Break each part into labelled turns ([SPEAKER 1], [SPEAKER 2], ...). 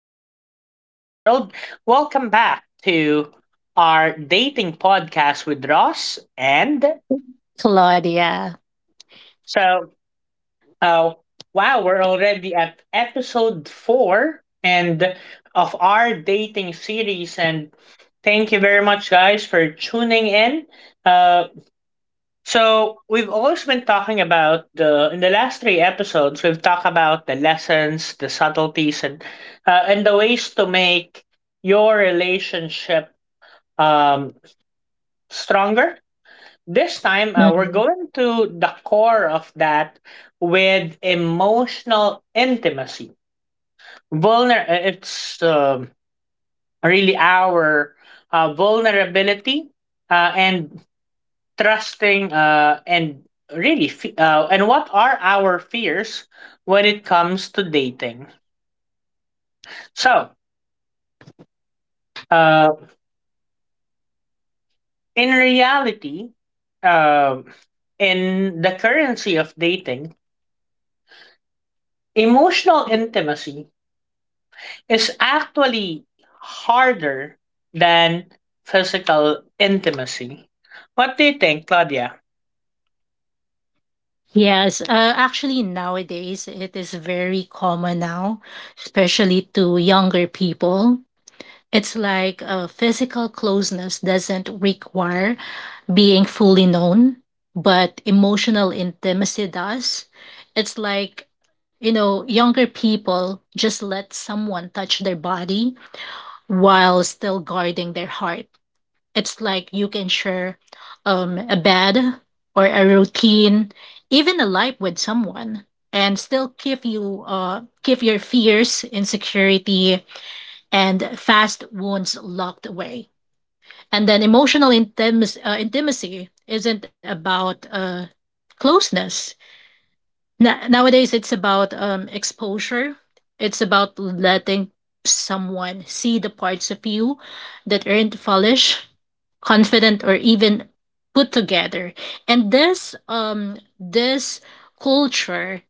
[SPEAKER 1] wherever you are in the world. Welcome back to our dating podcast with Ross. And
[SPEAKER 2] Claudia.
[SPEAKER 1] so, uh, wow, we're already at episode four and of our dating series. And thank you very much, guys, for tuning in. Uh, So we've always been talking about the in the last three episodes we've talked about the lessons, the subtleties, and the ways to make your relationship um, stronger. This time we're
[SPEAKER 2] Mhm.
[SPEAKER 1] going to the core of that with emotional intimacy. Vulner it's really our vulnerability and trusting and really fe- and what are our fears when it comes to dating. So uh, in reality, um in the currency of dating, emotional intimacy is actually harder than physical intimacy. What do you think, Claudia?
[SPEAKER 2] Yes, actually, nowadays it is very common now, especially to younger people. It's like physical closeness doesn't require being fully known, but emotional intimacy does. It's like, you know, younger people just let someone touch their body while still guarding their heart. It's like you can share a bed or a routine, even a life with someone, and still keep you keep your fears, insecurity, and fast wounds locked away. And then emotional intimacy isn't about closeness. Na Nowadays, it's about exposure. It's about letting someone see the parts of you that aren't polished, confident, or even put together. And this culture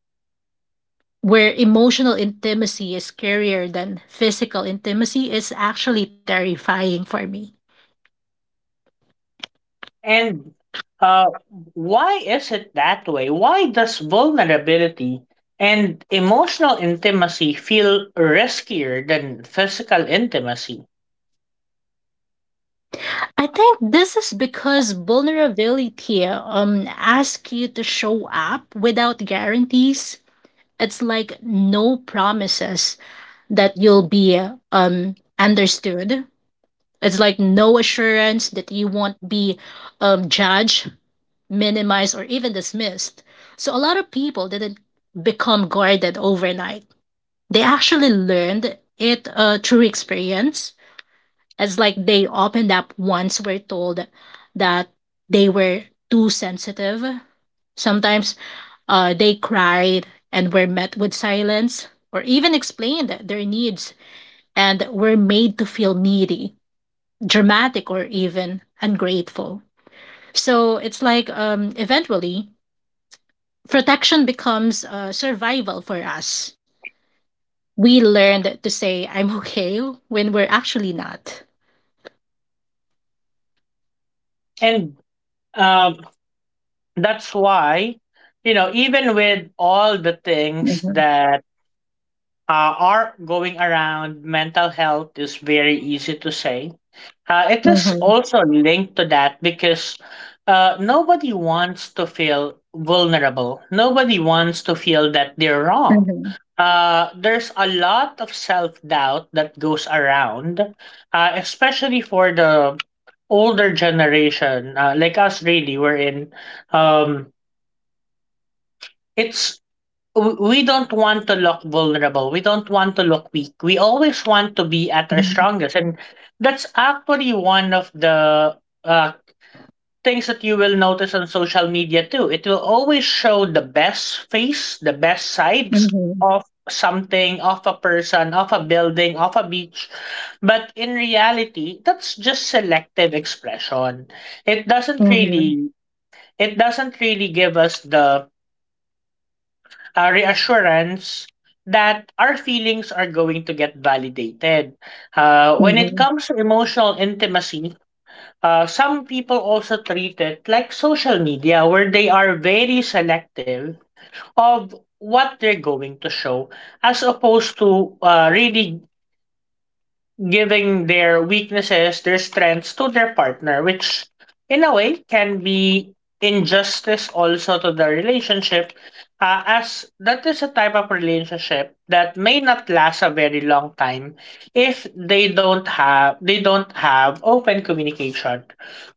[SPEAKER 2] where emotional intimacy is scarier than physical intimacy is actually terrifying for me.
[SPEAKER 1] And uh, why is it that way? Why does vulnerability and emotional intimacy feel riskier than physical intimacy?
[SPEAKER 2] I think this is because vulnerability asks you to show up without guarantees. It's like no promises that you'll be understood, it's like no assurance that you won't be judged, minimized, or even dismissed. So a lot of people didn't become guarded overnight. They actually learned it through experience. It's like they opened up once, were told that they were too sensitive. Sometimes they cried and were met with silence, or even explained their needs and were made to feel needy, dramatic, or even ungrateful. So it's like eventually protection becomes survival for us. We learned to say, "I'm okay," when we're actually not.
[SPEAKER 1] And um, that's why, even with all the things
[SPEAKER 2] Mhm.
[SPEAKER 1] that are going around, mental health is very easy to say. It is
[SPEAKER 2] Mhm.
[SPEAKER 1] also linked to that because nobody wants to feel vulnerable. Nobody wants to feel that they're wrong.
[SPEAKER 2] Mhm.
[SPEAKER 1] There's a lot of self doubt that goes around, especially for the older generation, like us, really, we're in. Um, it's we don't want to look vulnerable. We don't want to look weak. We always want to be at our
[SPEAKER 2] Mhm.
[SPEAKER 1] strongest. And that's actually one of the uh, things that you will notice on social media too. It will always show the best face, the best sides
[SPEAKER 2] Mhm.
[SPEAKER 1] of something, of a person, of a building, of a beach. But in reality, that's just selective expression. It doesn't
[SPEAKER 2] Mhm.
[SPEAKER 1] really it doesn't really give us the reassurance that our feelings are going to get validated. When it
[SPEAKER 2] Mhm.
[SPEAKER 1] comes to emotional intimacy, some people also treat it like social media, where they are very selective of what they're going to show, as opposed to really giving their weaknesses, their strengths to their partner, which in a way can be injustice also to the relationship, as that is a type of relationship that may not last a very long time if they don't have open communication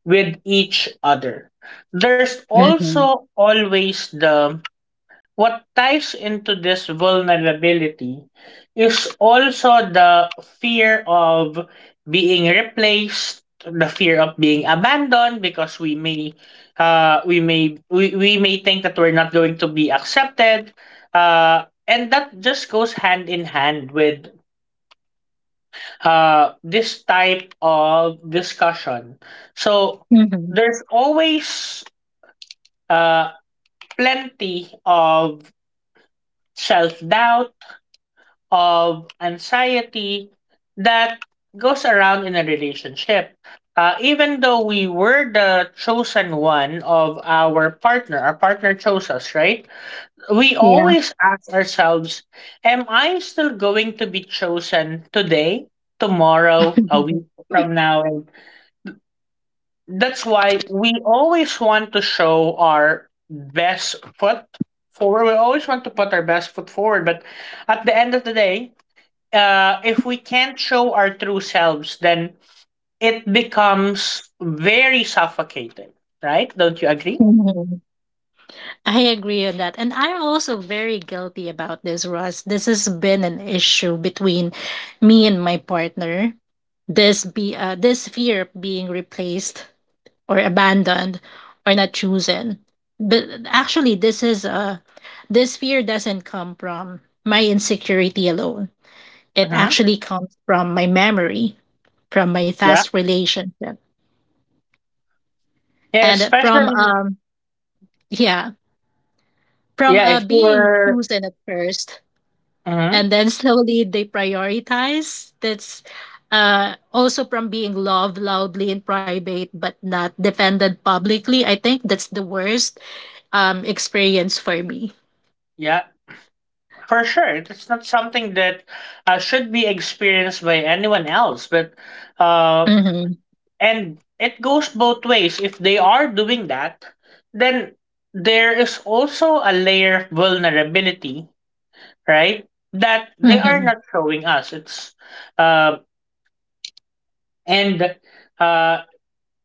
[SPEAKER 1] with each other. There's
[SPEAKER 2] Mhm.
[SPEAKER 1] also always the What ties into this vulnerability is also the fear of being replaced, the fear of being abandoned because we may think that we're not going to be accepted. And that just goes hand in hand with this type of discussion. So
[SPEAKER 2] Mhm.
[SPEAKER 1] there's always uh plenty of self doubt, of anxiety, that goes around in a relationship. Even though we were the chosen one of our partner chose us, right? We
[SPEAKER 2] Yeah.
[SPEAKER 1] always ask ourselves, am I still going to be chosen today, tomorrow, a week from now? And that's why we always want to show our best foot forward. We always want to put our best foot forward. But at the end of the day, if we can't show our true selves, then it becomes very suffocating, right? Don't you agree?
[SPEAKER 2] Mhm. I agree on that. And I'm also very guilty about this, Ross. This has been an issue between me and my partner. This fear of being replaced or abandoned or not chosen. But actually, this fear doesn't come from my insecurity alone. It
[SPEAKER 1] Mm-hmm.
[SPEAKER 2] actually comes from my memory, from my
[SPEAKER 1] Yeah.
[SPEAKER 2] past relationship,
[SPEAKER 1] Yeah,
[SPEAKER 2] and from
[SPEAKER 1] especially,
[SPEAKER 2] yeah,
[SPEAKER 1] yeah, if you
[SPEAKER 2] being
[SPEAKER 1] were.
[SPEAKER 2] chosen at first,
[SPEAKER 1] Hmm.
[SPEAKER 2] and then slowly they prioritize. That's also from being loved loudly in private but not defended publicly. I think that's the worst experience for me.
[SPEAKER 1] Yeah, for sure. It's not something that should be experienced by anyone else, but uh,
[SPEAKER 2] Mhm.
[SPEAKER 1] and it goes both ways. If they are doing that, then there is also a layer of vulnerability, right? That they are
[SPEAKER 2] Mhm.
[SPEAKER 1] not showing us. Um and uh,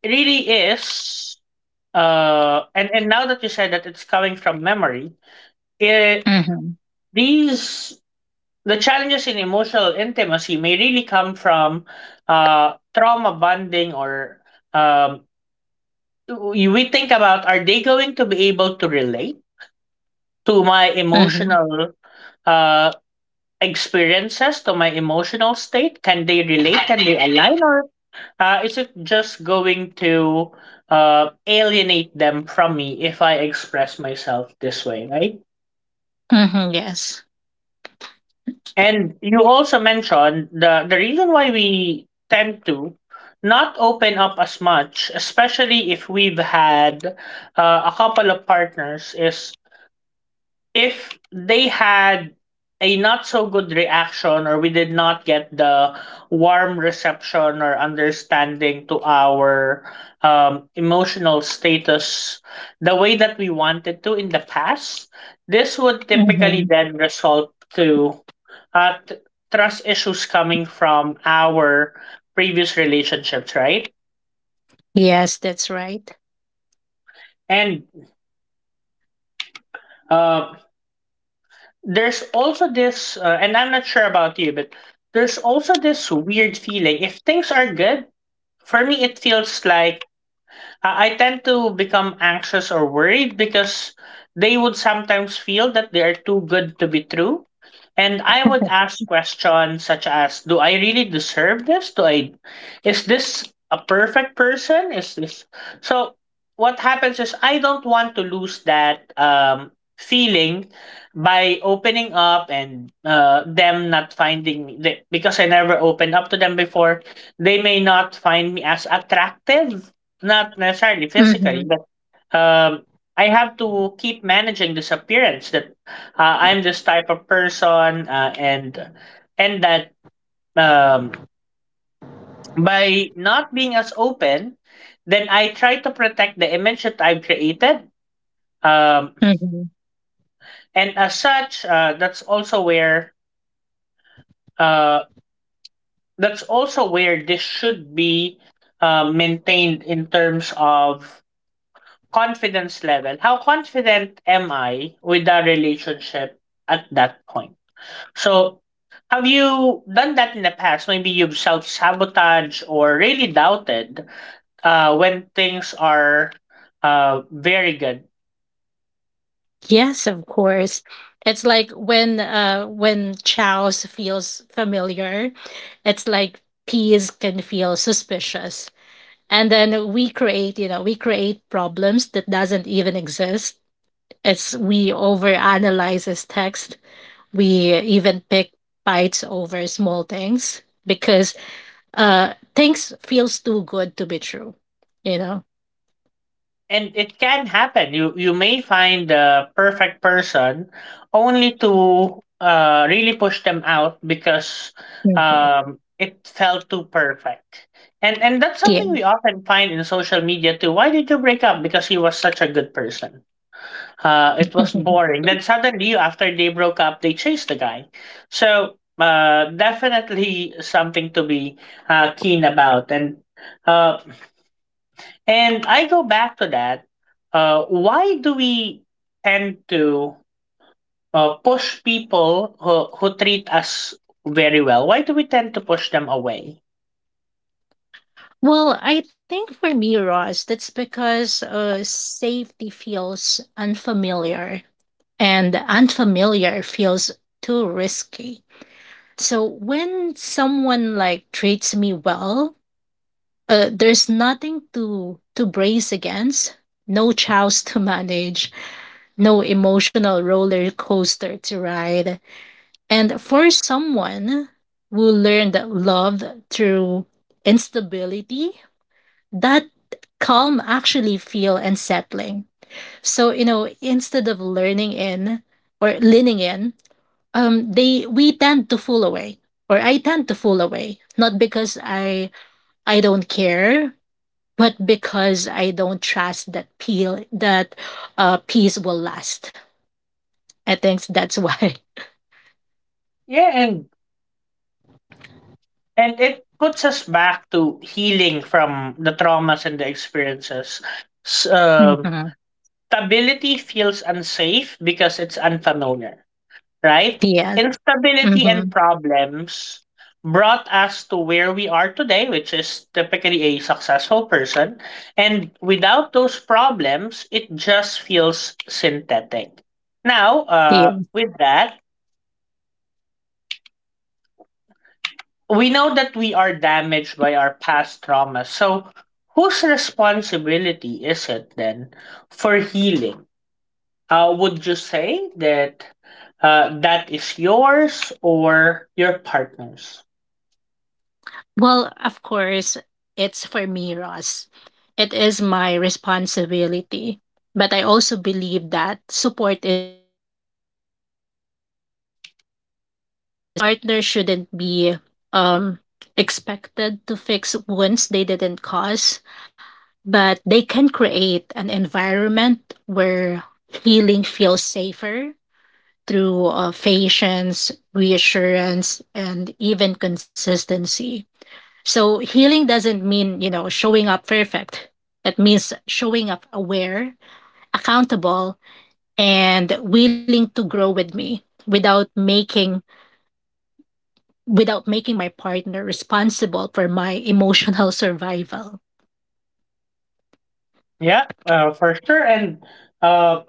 [SPEAKER 1] it really is. And now that you said that it's coming from memory, it,
[SPEAKER 2] Mhm.
[SPEAKER 1] these the challenges in emotional intimacy may really come from trauma bonding. Or um, we we think about, are they going to be able to relate to my
[SPEAKER 2] Mhm.
[SPEAKER 1] emotional uh, experiences, to my emotional state? Can they relate? Can they align? Or is it just going to alienate them from me if I express myself this way, right?
[SPEAKER 2] Mhm. Yes.
[SPEAKER 1] And you also mentioned the reason why we tend to not open up as much, especially if we've had a couple of partners. Is if they had a not so good reaction, or we did not get the warm reception or understanding to our emotional status the way that we wanted to in the past, this would typically
[SPEAKER 2] Mhm.
[SPEAKER 1] then result to uh, t- trust issues coming from our previous relationships, right?
[SPEAKER 2] Yes, that's right.
[SPEAKER 1] And um, there's also this uh, and I'm not sure about you, but there's also this weird feeling if things are good. For me, it feels like I tend to become anxious or worried because they would sometimes feel that they are too good to be true. And I would ask questions such as, do I really deserve this? Do I is this a perfect person? Is this so What happens is, I don't want to lose that feeling by opening up and them not finding me, because I never opened up to them before, they may not find me as attractive, not necessarily
[SPEAKER 2] Mhm.
[SPEAKER 1] physically, but um, I have to keep managing this appearance that I'm this type of person, and that um, by not being as open, then I try to protect the image that I've created. Um,
[SPEAKER 2] Mhm.
[SPEAKER 1] and as such, uh, that's also where this should be maintained in terms of confidence level. How confident am I with the relationship at that point? So, have you done that in the past? Maybe you've self sabotaged or really doubted when things are very good.
[SPEAKER 2] Yes, of course. It's like when Chaos feels familiar, it's like peas can feel suspicious. And then we create, you know, we create problems that doesn't even exist. It's we overanalyze his text. We even pick fights over small things because uh things feels too good to be true, you know.
[SPEAKER 1] And it can happen. You may find the perfect person only to really push them out because
[SPEAKER 2] Mhm.
[SPEAKER 1] it felt too perfect. And that's
[SPEAKER 2] Yeah.
[SPEAKER 1] something we often find in social media too. Why did you break up? Because he was such a good person? It was boring. Then suddenly after they broke up, they chased the guy. So definitely something to be keen about. And uh and I go back to that. Why do we tend to push people who treat us very well? Why do we tend to push them away?
[SPEAKER 2] Well, I think for me, Ross, that's because safety feels unfamiliar, and unfamiliar feels too risky. So when someone like treats me well, there's nothing to brace against, no chows to manage, no emotional roller coaster to ride. And for someone who learned love through instability, that calm actually feel unsettling. So, you know, instead of learning in or leaning in, they we tend to fool away, or I tend to fool away, not because I don't care, but because I don't trust that peel that peace will last. I think that's why.
[SPEAKER 1] Yeah, and it puts us back to healing from the traumas and the experiences. S- um
[SPEAKER 2] Mhm.
[SPEAKER 1] Stability feels unsafe because it's unfamiliar. Right?
[SPEAKER 2] Yes.
[SPEAKER 1] Instability
[SPEAKER 2] Hmm.
[SPEAKER 1] and problems brought us to where we are today, which is typically a successful person. And without those problems, it just feels synthetic. Now, with that, we know that we are damaged by our past traumas. So, whose responsibility is it then for healing? Would you say that that is yours or your partner's?
[SPEAKER 2] Well, of course, it's for me, Ross. It is my responsibility. But I also believe that support should also be shared. It's like a partner shouldn't be um, expected to fix wounds they didn't cause, but they can create an environment where healing feels safer through patience, reassurance, and even consistency. So healing doesn't mean, you know, showing up perfect. It means showing up aware, accountable, and willing to grow with me without making my partner responsible for my emotional survival.
[SPEAKER 1] Yeah, for sure. And uh,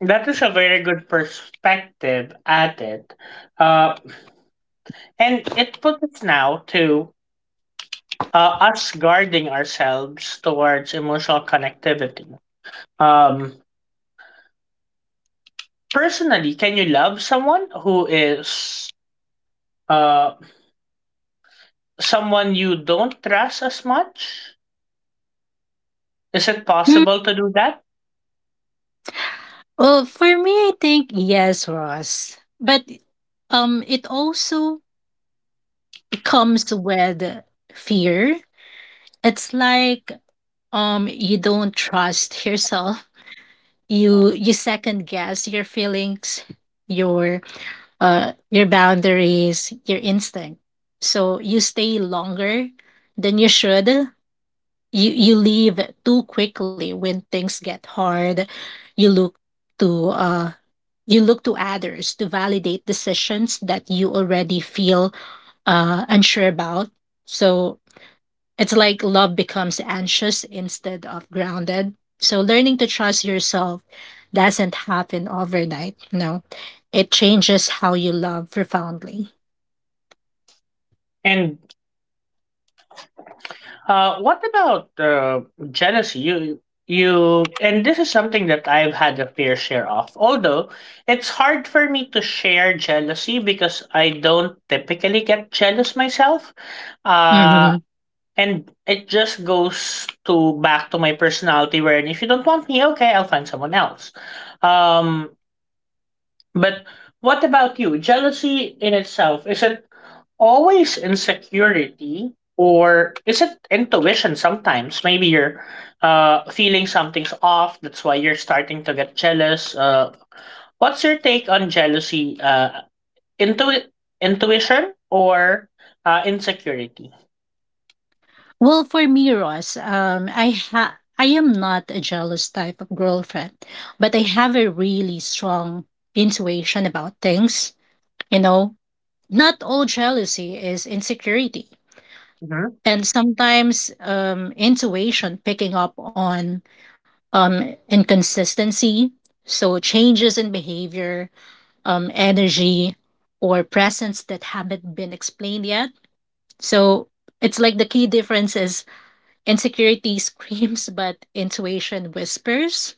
[SPEAKER 1] that is a very good perspective at it. Uh, and it puts us now to us guarding ourselves towards emotional connectivity. Um, Personally, can you love someone who is uh, someone you don't trust as much? Is it
[SPEAKER 2] Hmm.
[SPEAKER 1] possible to do that?
[SPEAKER 2] Well, for me, I think yes, Ross. But it also comes with fear. It's like you don't trust yourself, you second guess your feelings, your your boundaries, your instinct. So you stay longer than you should, you leave too quickly when things get hard, you look to uh you look to others to validate decisions that you already feel unsure about. So it's like love becomes anxious instead of grounded. So learning to trust yourself doesn't happen overnight. No, it changes how you love profoundly.
[SPEAKER 1] And what about jealousy? You and This is something that I've had a fair share of. Although it's hard for me to share jealousy because I don't typically get jealous myself. Uh,
[SPEAKER 2] Mhm.
[SPEAKER 1] and it just goes to back to my personality where if you don't want me, okay, I'll find someone else. Um, but what about you? Jealousy in itself, is it always insecurity or is it intuition sometimes? Maybe you're feeling something's off, that's why you're starting to get jealous. What's your take on jealousy, Intu- intuition or insecurity?
[SPEAKER 2] Well, for me, Ross, I am not a jealous type of girlfriend, but I have a really strong intuition about things. You know, not all jealousy is insecurity,
[SPEAKER 1] Hmm.
[SPEAKER 2] and sometimes intuition picking up on inconsistency, so changes in behavior, energy, or presence that haven't been explained yet. So it's like the key difference is: insecurity screams, but intuition whispers.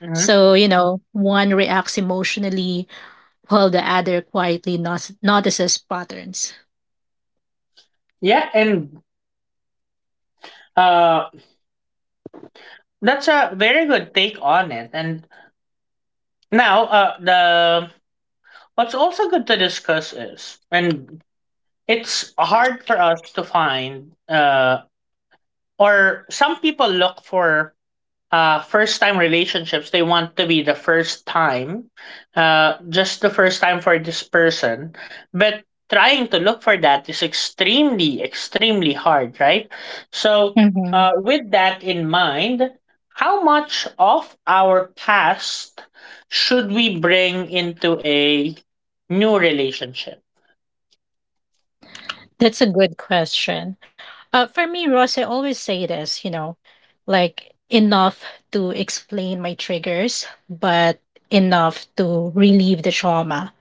[SPEAKER 1] Hmm.
[SPEAKER 2] So, you know, one reacts emotionally while the other quietly notices patterns.
[SPEAKER 1] Yeah, and uh, that's a very good take on it. And now, the what's also good to discuss is, and it's hard for us to find or some people look for first time relationships. They want to be the first time, just the first time for this person. But trying to look for that is extremely, extremely hard, right? So, with that in mind, how much of our past should we bring into a new relationship?
[SPEAKER 2] That's a good question. For me, Ross, I always say this, you know, like enough to explain my triggers, but enough to relieve the trauma.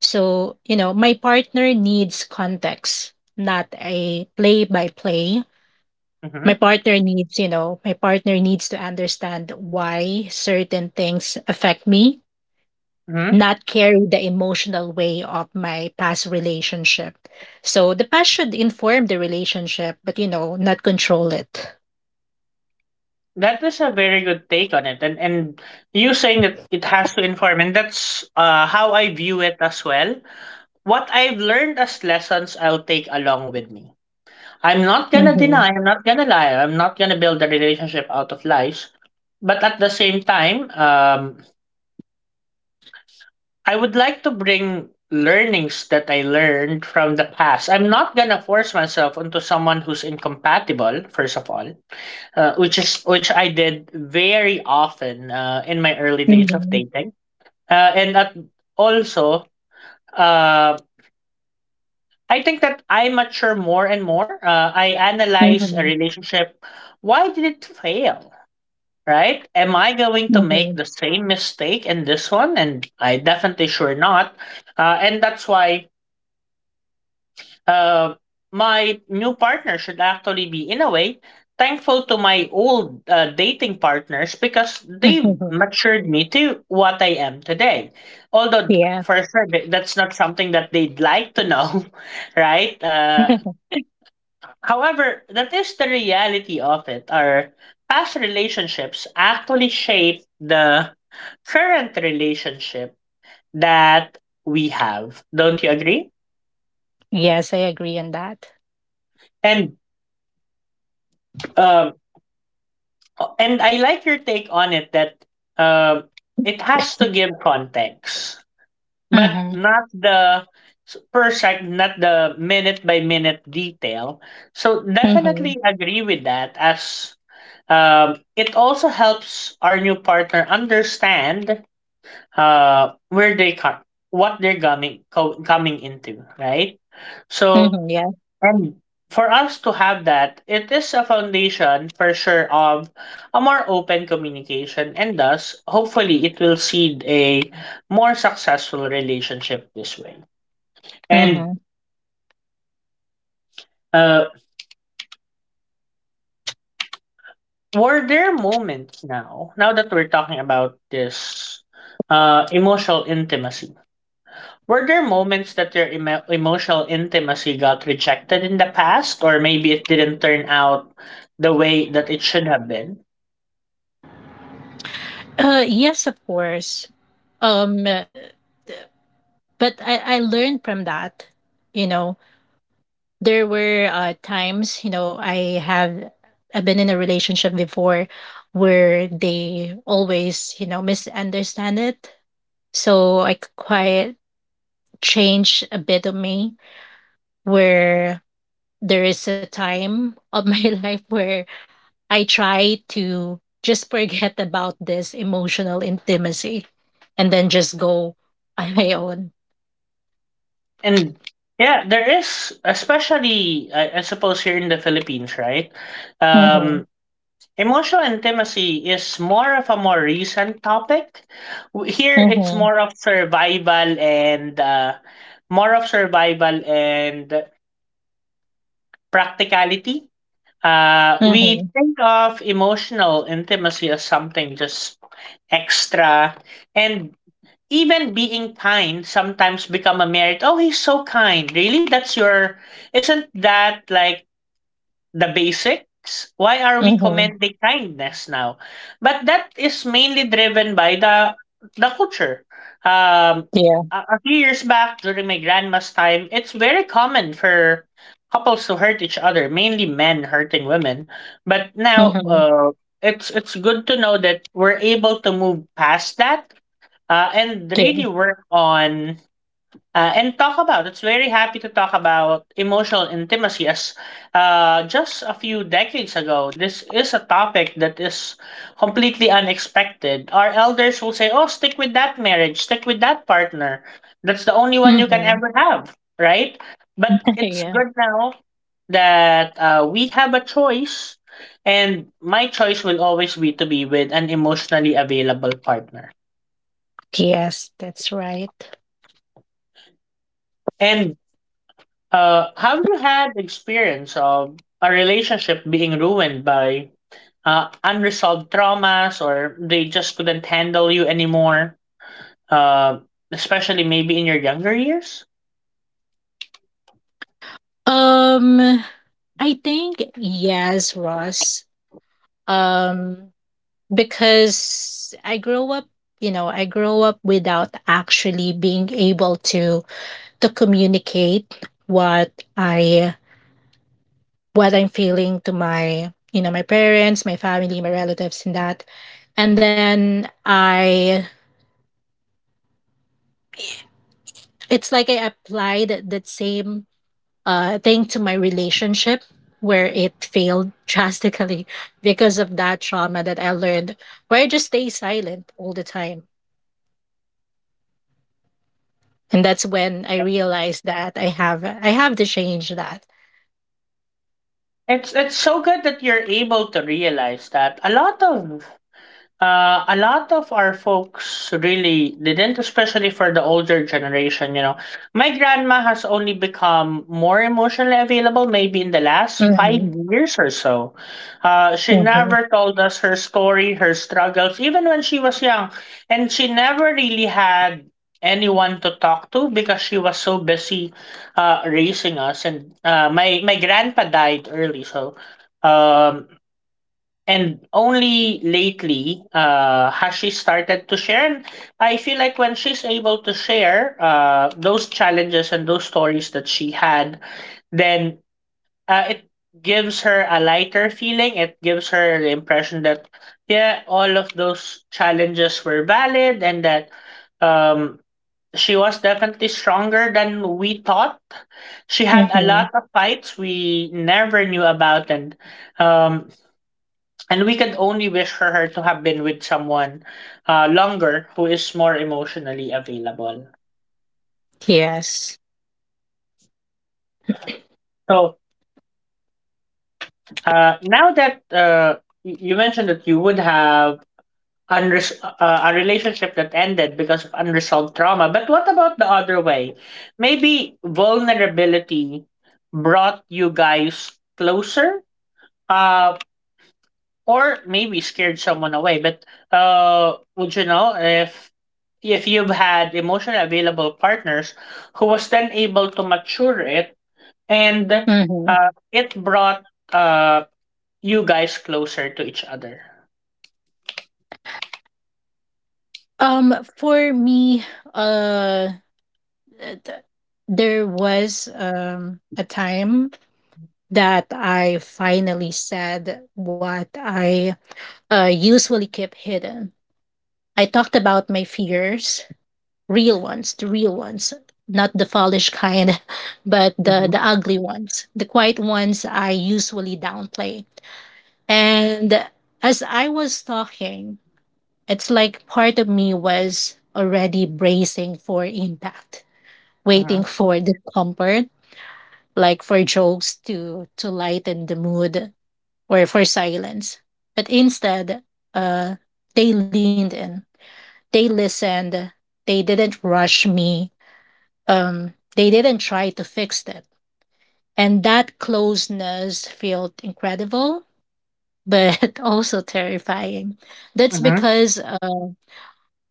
[SPEAKER 2] So, you know, my partner needs context, not a play by play. My
[SPEAKER 1] Mhm.
[SPEAKER 2] partner needs, you know, my partner needs to understand why certain things affect me,
[SPEAKER 1] Mhm.
[SPEAKER 2] not carry the emotional weight of my past relationship. So the past should inform the relationship, but you know, not control it.
[SPEAKER 1] That is a very good take on it, and you saying that it has to inform, and that's how I view it as well. What I've learned as lessons, I'll take along with me. I'm not gonna
[SPEAKER 2] Mhm.
[SPEAKER 1] deny, I'm not gonna lie, I'm not gonna build a relationship out of lies. But at the same time, I would like to bring learnings that I learned from the past. I'm not gonna force myself onto someone who's incompatible, first of all, which I did very often in my early days of
[SPEAKER 2] Mhm.
[SPEAKER 1] dating. And also, uh, I think that I mature more and more. I analyze a
[SPEAKER 2] Mhm.
[SPEAKER 1] relationship. Why did it fail? Right? Am I going to make the
[SPEAKER 2] Mhm.
[SPEAKER 1] same mistake in this one? And I definitely sure not. And that's why uh, my new partner should actually be, in a way, thankful to my old dating partners because they
[SPEAKER 2] Mhm.
[SPEAKER 1] matured me to what I am today. Although,
[SPEAKER 2] Yeah.
[SPEAKER 1] for sure, that's not something that they'd like to know, right? Uh, However, that is the reality of it. Our past relationships actually shape the current relationship that we have. Don't you agree?
[SPEAKER 2] Yes, I agree on that.
[SPEAKER 1] And um, and I like your take on it that um, it has to give context, but
[SPEAKER 2] Mm-hmm.
[SPEAKER 1] not the per sec, not the minute by minute detail. So
[SPEAKER 2] Mm-hmm.
[SPEAKER 1] definitely agree with that as. It also helps our new partner understand where they come, what they're coming into, right? So,
[SPEAKER 2] Mm-hmm. Yeah.
[SPEAKER 1] and for us to have that, it is a foundation for sure of a more open communication, and thus, hopefully, it will seed a more successful relationship this way. And
[SPEAKER 2] Mm-hmm.
[SPEAKER 1] uh, were there moments now, now that we're talking about this emotional intimacy? Were there moments that your emotional intimacy got rejected in the past, or maybe it didn't turn out the way that it should have been?
[SPEAKER 2] Yes, of course. Um, uh, th- but I learned from that. You know, there were times, you know, I've been in a relationship before where they always, you know, misunderstand it. So I quite change a bit of me, where there is a time of my life where I try to just forget about this emotional intimacy and then just go on my own.
[SPEAKER 1] And yeah, there is, especially I suppose here in the Philippines, right?
[SPEAKER 2] Mm-hmm.
[SPEAKER 1] Um, Emotional intimacy is more of a more recent topic. Here, it's
[SPEAKER 2] Mm-hmm.
[SPEAKER 1] more of survival and more of survival and practicality. We
[SPEAKER 2] Mm-hmm.
[SPEAKER 1] think of emotional intimacy as something just extra, and even being kind sometimes become a merit. Oh, he's so kind. Really, that's your. Isn't that like the basics? Why are we
[SPEAKER 2] Mm-hmm.
[SPEAKER 1] commending kindness now? But that is mainly driven by the culture. Um,
[SPEAKER 2] Yeah.
[SPEAKER 1] a, few years back, during my grandma's time, it's very common for couples to hurt each other, mainly men hurting women. But now,
[SPEAKER 2] Mm-hmm.
[SPEAKER 1] it's good to know that we're able to move past that and
[SPEAKER 2] Yeah.
[SPEAKER 1] really work on and talk about it's very happy to talk about emotional intimacy as just a few decades ago this is a topic that is completely unexpected. Our elders will say, oh, stick with that marriage, stick with that partner, that's the only one you can
[SPEAKER 2] Mm-hmm.
[SPEAKER 1] ever have, right? But it's
[SPEAKER 2] Yeah.
[SPEAKER 1] good now that we have a choice, and my choice will always be to be with an emotionally available partner.
[SPEAKER 2] Yes, that's right.
[SPEAKER 1] And have you had experience of a relationship being ruined by unresolved traumas, or they just couldn't handle you anymore? Uh, especially maybe in your younger years?
[SPEAKER 2] Um, I think yes, Ross. Um, because I grow up, you know, I grow up without actually being able to communicate I what I'm feeling to my, you know, my parents, my family, my relatives, and that. And then it's like I applied that same thing to my relationship where it failed drastically because of that trauma that I learned, where I just stay silent all the time. And that's when I realized that I have to change that.
[SPEAKER 1] It's so good that you're able to realize that a lot of our folks really didn't, especially for the older generation. You know, my grandma has only become more emotionally available maybe in the last five
[SPEAKER 2] Hmm.
[SPEAKER 1] years or so. She
[SPEAKER 2] Hmm.
[SPEAKER 1] never told us her story, her struggles, even when she was young. And she never really had anyone to talk to because she was so busy raising us. And my grandpa died early, so. Um, and only lately has she started to share. And I feel like when she's able to share those challenges and those stories that she had, then it gives her a lighter feeling. It gives her the impression that yeah, all of those challenges were valid, and that um, she was definitely stronger than we thought. She had a
[SPEAKER 2] Hmm.
[SPEAKER 1] lot of fights we never knew about. And um, and we can only wish for her to have been with someone longer who is more emotionally available.
[SPEAKER 2] Yes.
[SPEAKER 1] So now that you mentioned that you would have a relationship that ended because of unresolved trauma, but what about the other way? Maybe vulnerability brought you guys closer. Uh, or maybe scared someone away. But would you know if you've had emotionally available partners who was then able to mature it, and
[SPEAKER 2] Hmm.
[SPEAKER 1] it brought uh, you guys closer to each other?
[SPEAKER 2] For me, uh, uh, th- there was a time that I finally said what I usually keep hidden. I talked about my fears, real ones, the real ones, not the foolish kind, but
[SPEAKER 1] Mhm,
[SPEAKER 2] the ugly ones, the quiet ones I usually downplay. And as I was talking, it's like part of me was already bracing for impact, waiting
[SPEAKER 1] mhm,
[SPEAKER 2] for discomfort, like for jokes to lighten the mood or for silence. But instead, uh, they leaned in, they listened, they didn't rush me, they didn't try to fix it. And that closeness felt incredible, but also terrifying. That's
[SPEAKER 1] mhm.
[SPEAKER 2] because uh,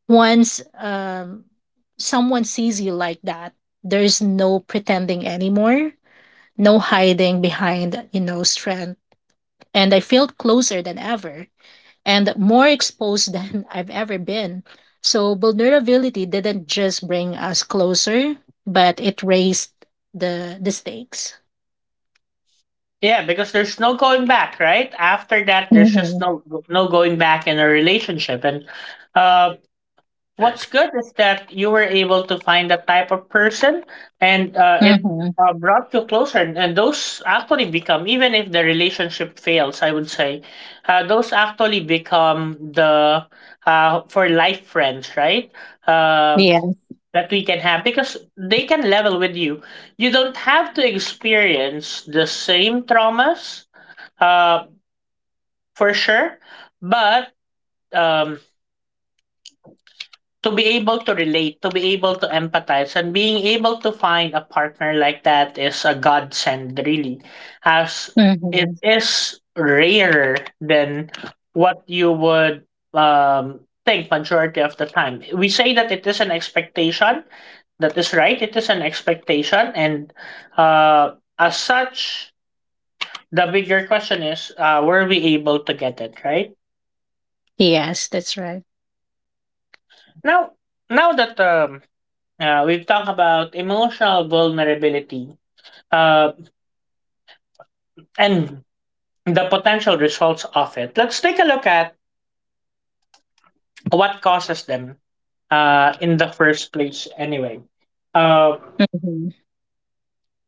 [SPEAKER 2] once um, someone sees you like that, there's no pretending anymore, no hiding behind, you know, strength. And I felt closer than ever and more exposed than I've ever been. So, vulnerability didn't just bring us closer, but it raised the stakes.
[SPEAKER 1] Yeah, because there's no going back, right? After that, there's just
[SPEAKER 2] Mm-hmm.
[SPEAKER 1] no no going back in a relationship, and um, what's good is that you were able to find that type of person, and uh, it
[SPEAKER 2] Mm-hmm.
[SPEAKER 1] uh, brought you closer. And those actually become, even if the relationship fails, I would say, those actually become the for life friends, right? Uh,
[SPEAKER 2] Yeah.
[SPEAKER 1] that we can have because they can level with you. You don't have to experience the same traumas, uh, for sure, but um, to be able to relate, to be able to empathize, and being able to find a partner like that is a godsend, really, as
[SPEAKER 2] Mm-hmm.
[SPEAKER 1] it is rarer than what you would um, think majority of the time. We say that it is an expectation. That is right. It is an expectation, and as such, the bigger question is: Were we able to get it right?
[SPEAKER 2] Yes, that's right.
[SPEAKER 1] Now, now that we've talked about emotional vulnerability uh, and the potential results of it. Let's take a look at what causes them in the first place, anyway. Uh,
[SPEAKER 2] Mm-hmm.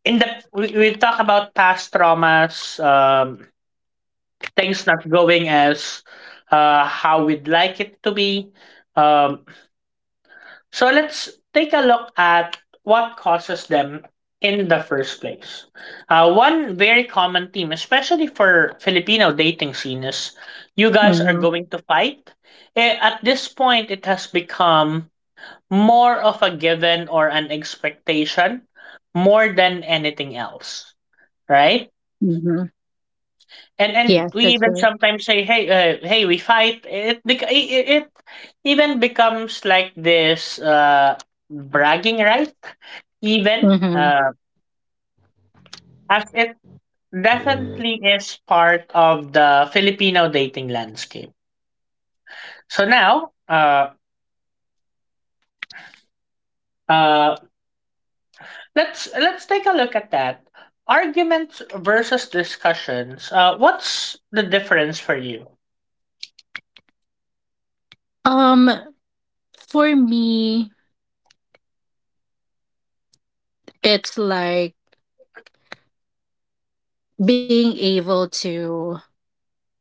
[SPEAKER 1] in the we talk about past traumas, things not going as how we'd like it to be, um, so let's take a look at what causes them in the first place. One very common theme, especially for Filipino dating scene, is you guys are
[SPEAKER 2] Mm-hmm.
[SPEAKER 1] going to fight. Eh, at this point, it has become more of a given or an expectation more than anything else, right?
[SPEAKER 2] Mm-hmm.
[SPEAKER 1] And
[SPEAKER 2] Yes,
[SPEAKER 1] we
[SPEAKER 2] that's
[SPEAKER 1] even
[SPEAKER 2] right.
[SPEAKER 1] sometimes say, hey hey, we fight it, it even becomes like this bragging right even,
[SPEAKER 2] Mm-hmm.
[SPEAKER 1] as it definitely is part of the Filipino dating landscape. So now, uh, let's take a look at that arguments versus discussions. What's the difference for you?
[SPEAKER 2] Um, for me, it's like being able to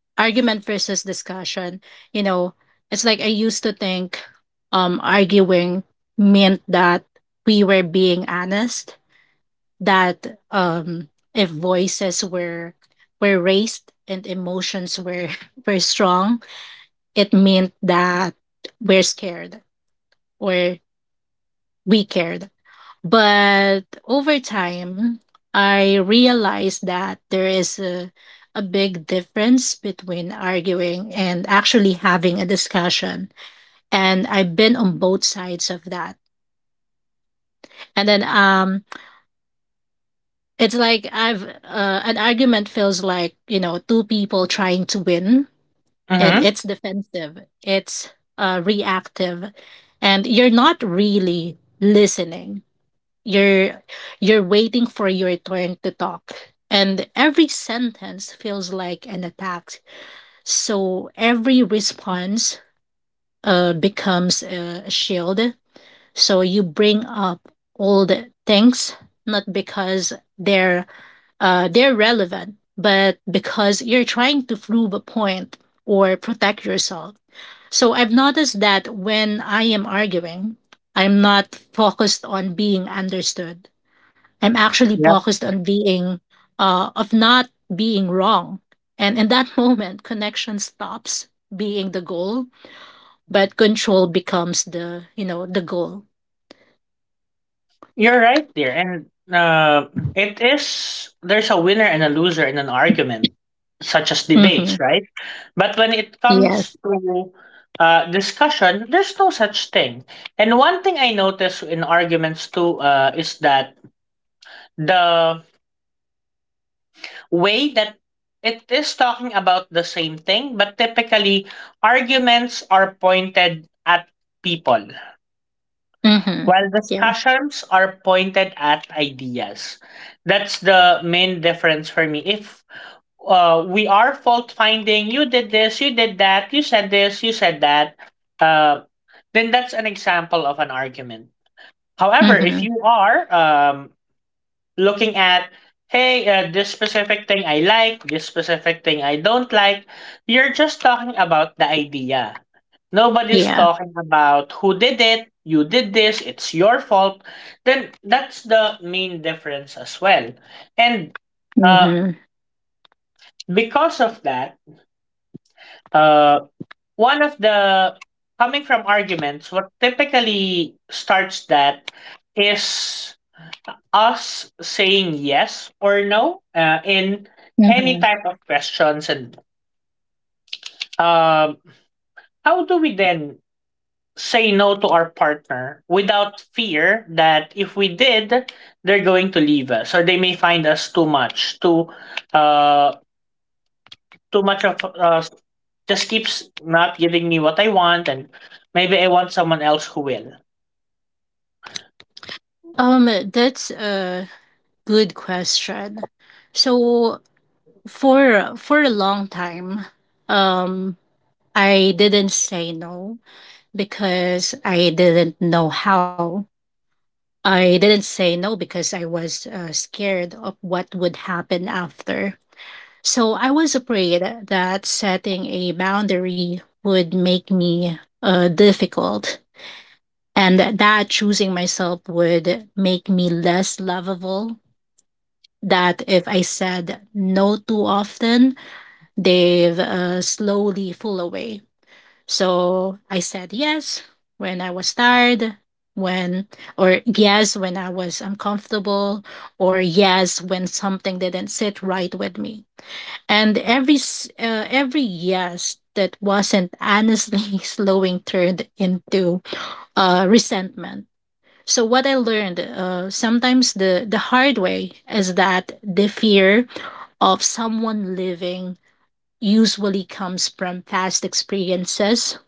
[SPEAKER 2] argument versus discussion, you know. It's like I used to think arguing meant that we were being honest, that if voices were raised and emotions were were strong, it meant that we're scared or we cared. But over time, I realized that there is a big difference between arguing and actually having a discussion. And I've been on both sides of that. And then it's like I've an argument feels like, you know, two people trying to win, and
[SPEAKER 1] Mm-hmm.
[SPEAKER 2] it's defensive, it's reactive, and you're not really listening. You're you're waiting for your turn to talk. And every sentence feels like an attack. So every response becomes a shield. So you bring up old things, not because they're relevant, but because you're trying to prove a point or protect yourself. So I've noticed that when I am arguing, I'm not focused on being understood. I'm actually focused on being, of not being wrong. And in that moment, connection stops being the goal, but control becomes the, you know, the goal.
[SPEAKER 1] You're right there, and it is there's a winner and a loser in an argument, such as
[SPEAKER 2] Mm-hmm.
[SPEAKER 1] debates, right? But when it
[SPEAKER 2] Yes.
[SPEAKER 1] comes to discussion, there's no such thing. And one thing I notice in arguments too is that the way that it is talking about the same thing, but typically arguments are pointed at people,
[SPEAKER 2] Mm-hmm.
[SPEAKER 1] while
[SPEAKER 2] Yeah.
[SPEAKER 1] discussions are pointed at ideas. That's the main difference for me. If we are fault finding, you did this, you did that, you said this, you said that, uh, then that's an example of an argument. However, if
[SPEAKER 2] Mm-hmm.
[SPEAKER 1] you are looking at, hey, this specific thing I like, this specific thing I don't like, you're just talking about the idea. Nobody's
[SPEAKER 2] Yeah.
[SPEAKER 1] talking about who did it, you did this, it's your fault. Then that's the main difference as well. And uh,
[SPEAKER 2] Mm-hmm.
[SPEAKER 1] because of that, uh, one of the coming from arguments, what typically starts that is us saying yes or no in any
[SPEAKER 2] Mm-hmm.
[SPEAKER 1] type of questions. And um, how do we then say no to our partner without fear that if we did, they're going to leave us, or they may find us too much, too, uh, too much of just keeps not giving me what I want, and maybe I want someone else who will.
[SPEAKER 2] Um, that's a good question. So for a long time, um, I didn't say no because I didn't know how. I didn't say no because I was scared of what would happen after. So I was afraid that setting a boundary would make me difficult and that choosing myself would make me less lovable. That if I said no too often, they've slowly fall away. So I said yes when I was tired, when, or yes when I was uncomfortable, or yes when something didn't sit right with me. And every yes that wasn't honestly slowing turned into resentment. So what I learned, sometimes the hard way, is that the fear of someone leaving usually comes from past experiences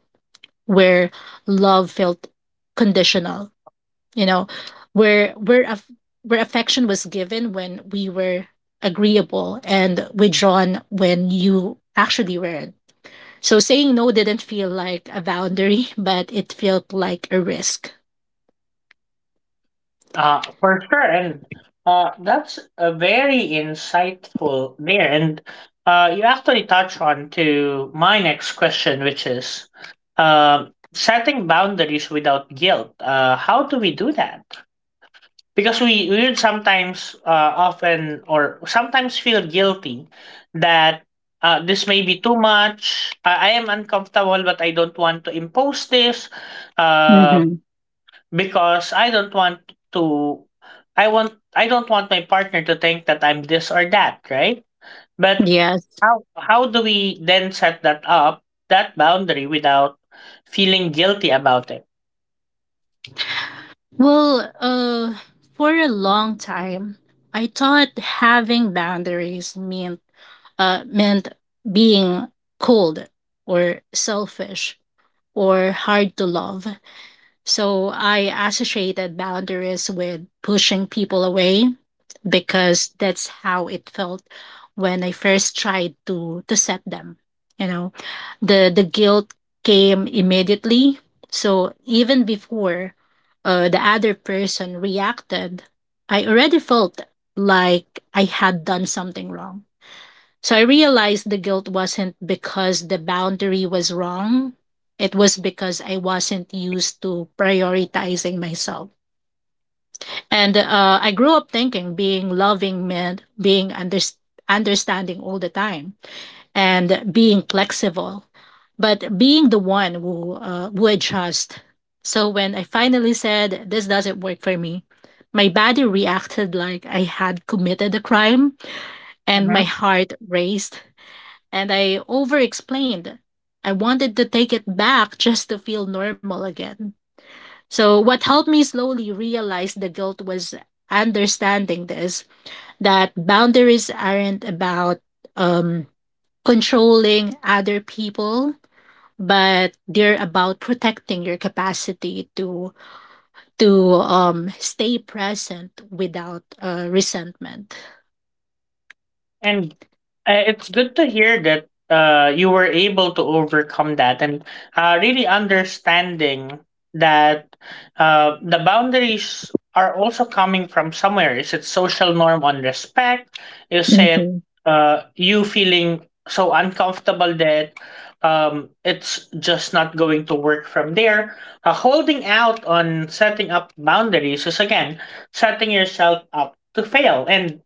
[SPEAKER 2] where love felt conditional, you know, where where aff- where affection was given when we were agreeable and withdrawn when you actually weren't. So saying no didn't feel like a boundary, but it felt like a risk.
[SPEAKER 1] For sure, and that's a very insightful there. And you actually touch on to my next question, which is uh, setting boundaries without guilt. How do we do that? Because we would sometimes often or sometimes feel guilty that this may be too much. I am uncomfortable, but I don't want to impose this. Um
[SPEAKER 2] Mm-hmm.
[SPEAKER 1] because I don't want to I want I don't want my partner to think that I'm this or that, right? But
[SPEAKER 2] Yes.
[SPEAKER 1] how do we then set that up, that boundary without feeling guilty about it?
[SPEAKER 2] Well, for a long time I thought having boundaries meant uh meant being cold or selfish or hard to love. So I associated boundaries with pushing people away because that's how it felt when I first tried to set them. You know, the guilt came immediately. So even before the other person reacted, I already felt like I had done something wrong. So I realized the guilt wasn't because the boundary was wrong. It was because I wasn't used to prioritizing myself. And I grew up thinking being loving meant understanding all the time and being flexible, but being the one who adjusts. So when I finally said, this doesn't work for me, my body reacted like I had committed a crime, and my heart raced, and I over explained. I wanted to take it back just to feel normal again. So, what helped me slowly realize the guilt was understanding this, that boundaries aren't about um, controlling other people, but they're about protecting your capacity to stay present without resentment.
[SPEAKER 1] And it's good to hear that you were able to overcome that, and really understanding that the boundaries are also coming from somewhere. Is it social norm on respect? Is it
[SPEAKER 2] Mm-hmm.
[SPEAKER 1] you feeling so uncomfortable that it's just not going to work from there? Holding out on setting up boundaries is again setting yourself up to fail. And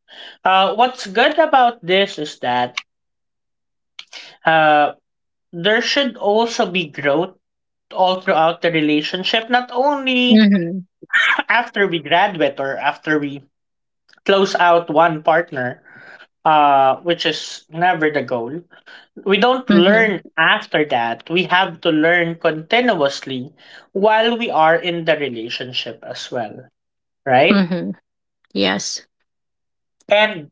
[SPEAKER 1] what's good about this is that uh, there should also be growth all throughout the relationship, not only
[SPEAKER 2] Mm-hmm.
[SPEAKER 1] after we graduate or after we close out one partner, which is never the goal. We don't
[SPEAKER 2] Mm-hmm.
[SPEAKER 1] learn after that. We have to learn continuously while we are in the relationship as well, right?
[SPEAKER 2] Mm-hmm. Yes.
[SPEAKER 1] And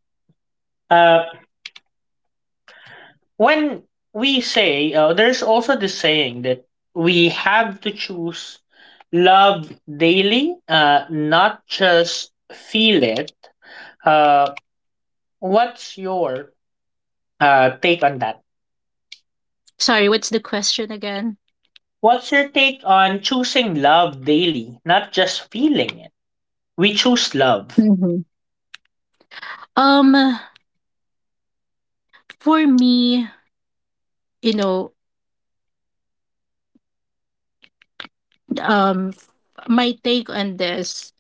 [SPEAKER 1] uh, when we say there's also this saying that we have to choose love daily, not just feel it. uh, what's your take on that?
[SPEAKER 2] Sorry, what's the question again?
[SPEAKER 1] What's your take on choosing love daily, not just feeling it? We choose love.
[SPEAKER 2] Mhm. Um, for me, you know, um, my take on this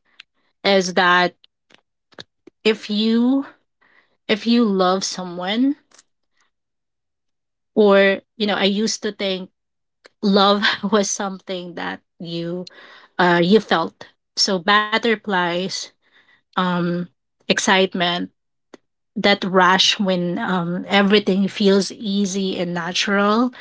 [SPEAKER 2] is that if you if you love someone, or you know, I used to think love was something that you, you felt. So butterflies, um, excitement, that rush when everything feels easy and natural.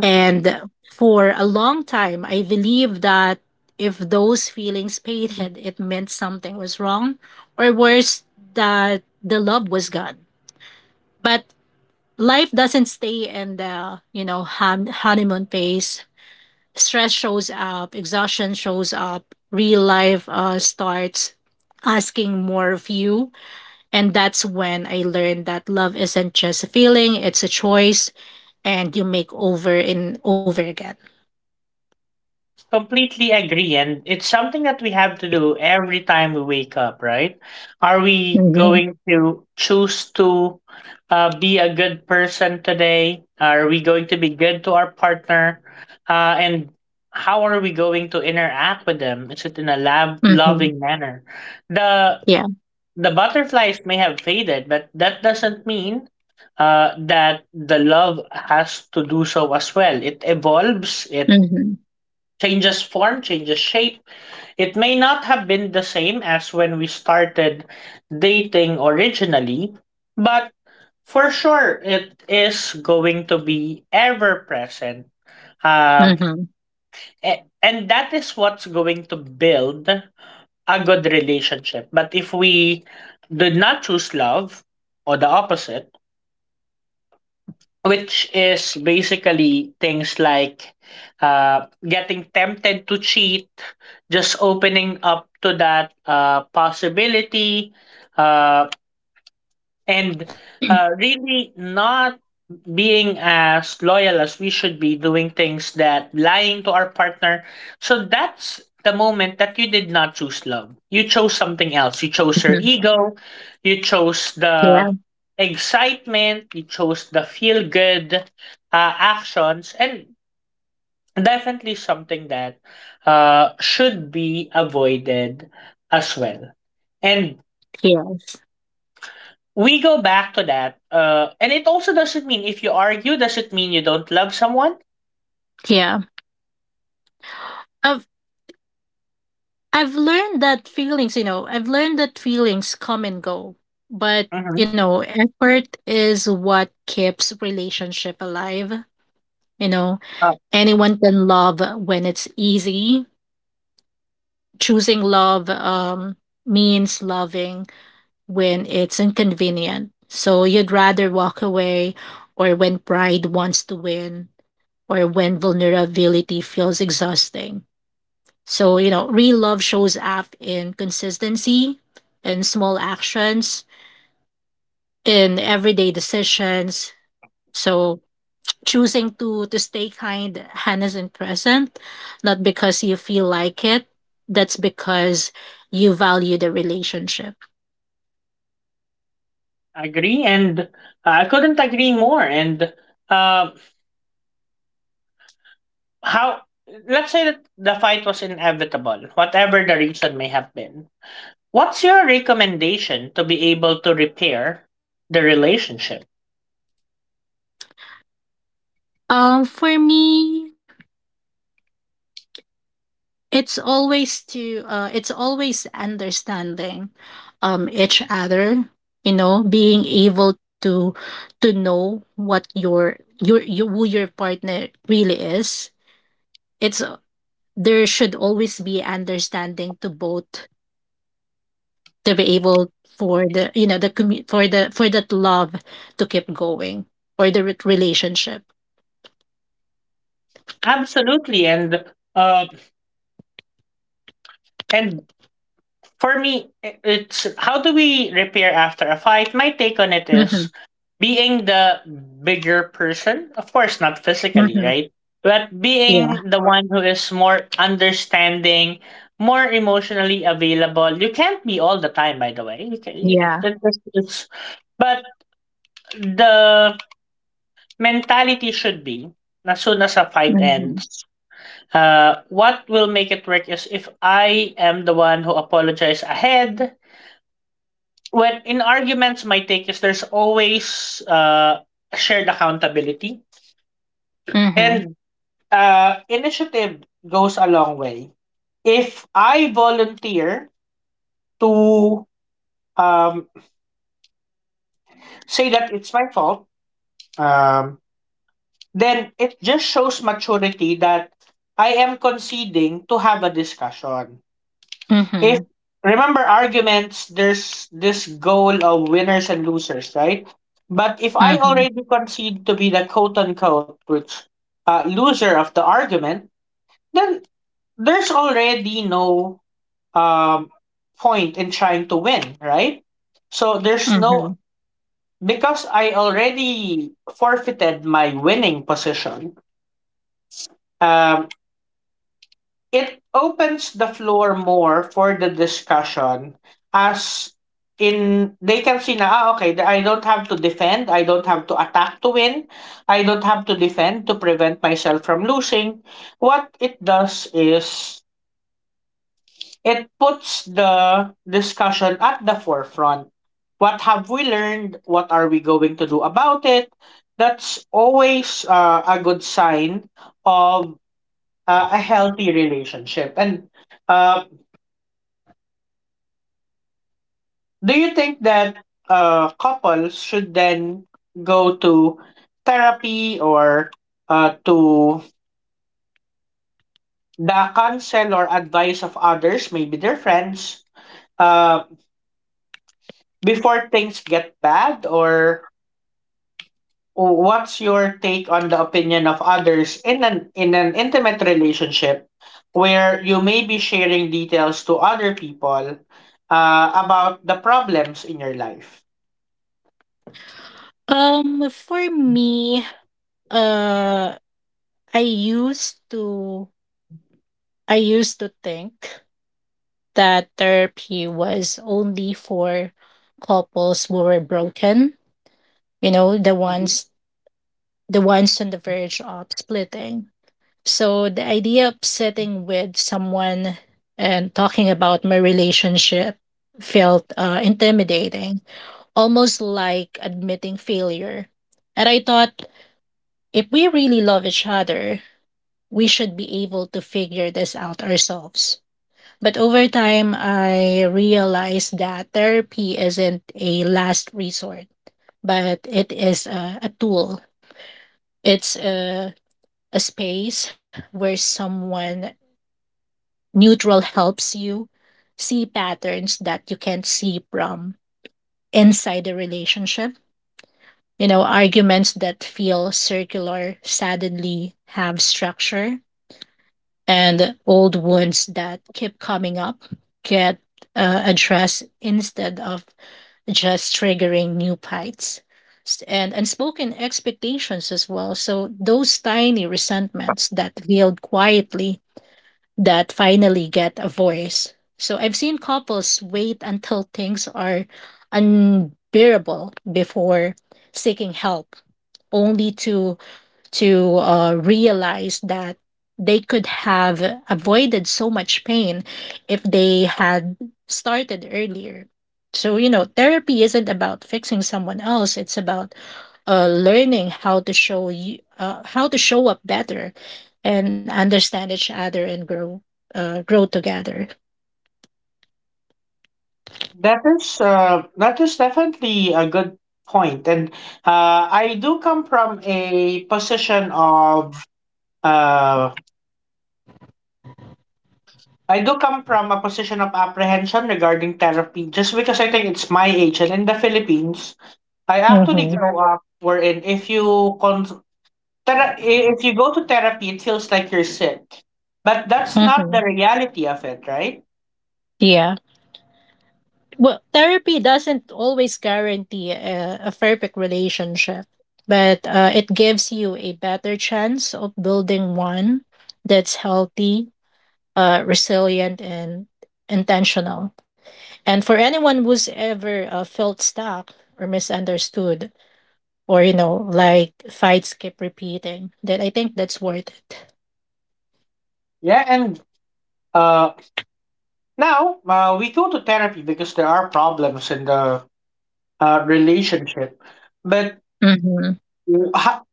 [SPEAKER 2] And for a long time, I believed that if those feelings faded, it meant something was wrong, or worse, that the love was gone. But life doesn't stay in the, you know, honeymoon phase. Stress shows up, exhaustion shows up, real life starts asking more of you. And that's when I learned that love isn't just a feeling, it's a choice, and you make over and over again.
[SPEAKER 1] Completely agree. And it's something that we have to do every time we wake up, right? Are we going to choose to be a good person today? Are we going to be good to our partner? And how are we going to interact with them? Is it in a lab
[SPEAKER 2] Mhm.
[SPEAKER 1] loving manner? The
[SPEAKER 2] Yeah.
[SPEAKER 1] the butterflies may have faded, but that doesn't mean that the love has to do so as well. It evolves, it
[SPEAKER 2] Mhm.
[SPEAKER 1] changes form, changes shape. It may not have been the same as when we started dating originally, but for sure it is going to be ever present. Um,
[SPEAKER 2] Mhm.
[SPEAKER 1] and that is what's going to build a good relationship. But if we did not choose love or the opposite, which is basically things like, getting tempted to cheat, just opening up to that, possibility, uh and really not being as loyal as we should be doing things that lying to our partner. So that's the moment that you did not choose love, you chose something else, you chose
[SPEAKER 2] Mhm.
[SPEAKER 1] your ego, you chose
[SPEAKER 2] Yeah.
[SPEAKER 1] the excitement, you chose the feel good actions, and definitely something that should be avoided as well. And
[SPEAKER 2] Yes.
[SPEAKER 1] we go back to that. And it also doesn't mean if you argue, does it mean you don't love someone?
[SPEAKER 2] Yeah. I've I've learned that feelings, you know, I've learned that feelings come and go, but
[SPEAKER 1] hmm
[SPEAKER 2] you know, effort is what keeps relationship alive. You know,
[SPEAKER 1] Uh,
[SPEAKER 2] anyone can love when it's easy. Choosing love means loving when it's inconvenient. So you'd rather walk away, or when pride wants to win, or when vulnerability feels exhausting. So, you know, real love shows up in consistency, in small actions, in everyday decisions. So, choosing to stay kind, honest and present, not because you feel like it, that's because you value the relationship.
[SPEAKER 1] and I couldn't agree more. And uh, how? Let's say that the fight was inevitable, whatever the reason may have been. What's your recommendation to be able to repair the relationship?
[SPEAKER 2] For me, it's always to it's always understanding each other, you know, being able to know what your who your partner really is. It's there should always be understanding to both to be able for the, you know, for the, for that love to keep going, or the relationship.
[SPEAKER 1] Absolutely, and uh, and for me, it's how do we repair after a fight? My take on it
[SPEAKER 2] Mm-hmm.
[SPEAKER 1] is being the bigger person, of course, not physically,
[SPEAKER 2] Mm-hmm.
[SPEAKER 1] right? But being
[SPEAKER 2] Yeah.
[SPEAKER 1] the one who is more understanding, more emotionally available. You can't be all the time, by the way. You can, you,
[SPEAKER 2] Yeah.
[SPEAKER 1] it- it's, but the mentality should be, as soon as a fight
[SPEAKER 2] Mm-hmm.
[SPEAKER 1] ends, what will make it work is if I am the one who apologizes ahead. When in arguments, my take is there's always shared accountability
[SPEAKER 2] Mm-hmm.
[SPEAKER 1] and initiative goes a long way. If I volunteer to um, say that it's my fault, um, then it just shows maturity that I am conceding to have a discussion.
[SPEAKER 2] Mm-hmm.
[SPEAKER 1] If Remember, arguments there's this goal of winners and losers, right? But if I
[SPEAKER 2] Mm-hmm.
[SPEAKER 1] already concede to be the quote unquote, which loser of the argument, then there's already no um point in trying to win, right? So there's no, because I already forfeited my winning position. um It opens the floor more for the discussion, as in they can see na ah, okay, I don't have to defend, I don't have to attack to win, I don't have to defend to prevent myself from losing. What it does is it puts the discussion at the forefront. What have we learned? What are we going to do about it? That's always a good sign of a healthy relationship. And uh, Do you think that couples should then go to therapy or to the counsel or advice of others, maybe their friends, uh, before things get bad? Or what's your take on the opinion of others in an intimate relationship where you may be sharing details to other people about the problems in your life?
[SPEAKER 2] For me, uh, I used to I used to think that therapy was only for couples who were broken, you know,
[SPEAKER 1] Mhm.
[SPEAKER 2] the ones on the verge of splitting. So the idea of sitting with someone and talking about my relationship felt intimidating, almost like admitting failure. And I thought, if we really love each other, we should be able to figure this out ourselves. But over time, I realized that therapy isn't a last resort, but it is a tool. It's a space where someone neutral helps you see patterns that you can't see from inside the relationship. You know, arguments that feel circular suddenly have structure, and old wounds that keep coming up get addressed instead of just triggering new fights. And unspoken expectations as well, so those tiny resentments that build quietly that finally get a voice. So I've seen couples wait until things are unbearable before seeking help, only to realize that they could have avoided so much pain if they had started earlier. So, you know, therapy isn't about fixing someone else, it's about learning how to show you how to show up better and understand each other and grow, grow together.
[SPEAKER 1] That is definitely a good point, and I do come from a position of uh, I do come from a position of apprehension regarding therapy, just because I think it's my age, and in the Philippines, I actually
[SPEAKER 2] Mm-hmm.
[SPEAKER 1] grew up wherein if you con- Thera- I- if you go to therapy, it feels like you're sick. But that's not
[SPEAKER 2] Mm-hmm.
[SPEAKER 1] the reality of it, right?
[SPEAKER 2] Yeah. Well, therapy doesn't always guarantee a perfect relationship, but it gives you a better chance of building one that's healthy, resilient, and intentional. And for anyone who's ever felt stuck or misunderstood, or you know, like fights keep repeating, then I think that's worth it.
[SPEAKER 1] Yeah, and uh, now we go to therapy because there are problems in the relationship. But
[SPEAKER 2] Mm-hmm.
[SPEAKER 1] w- ha-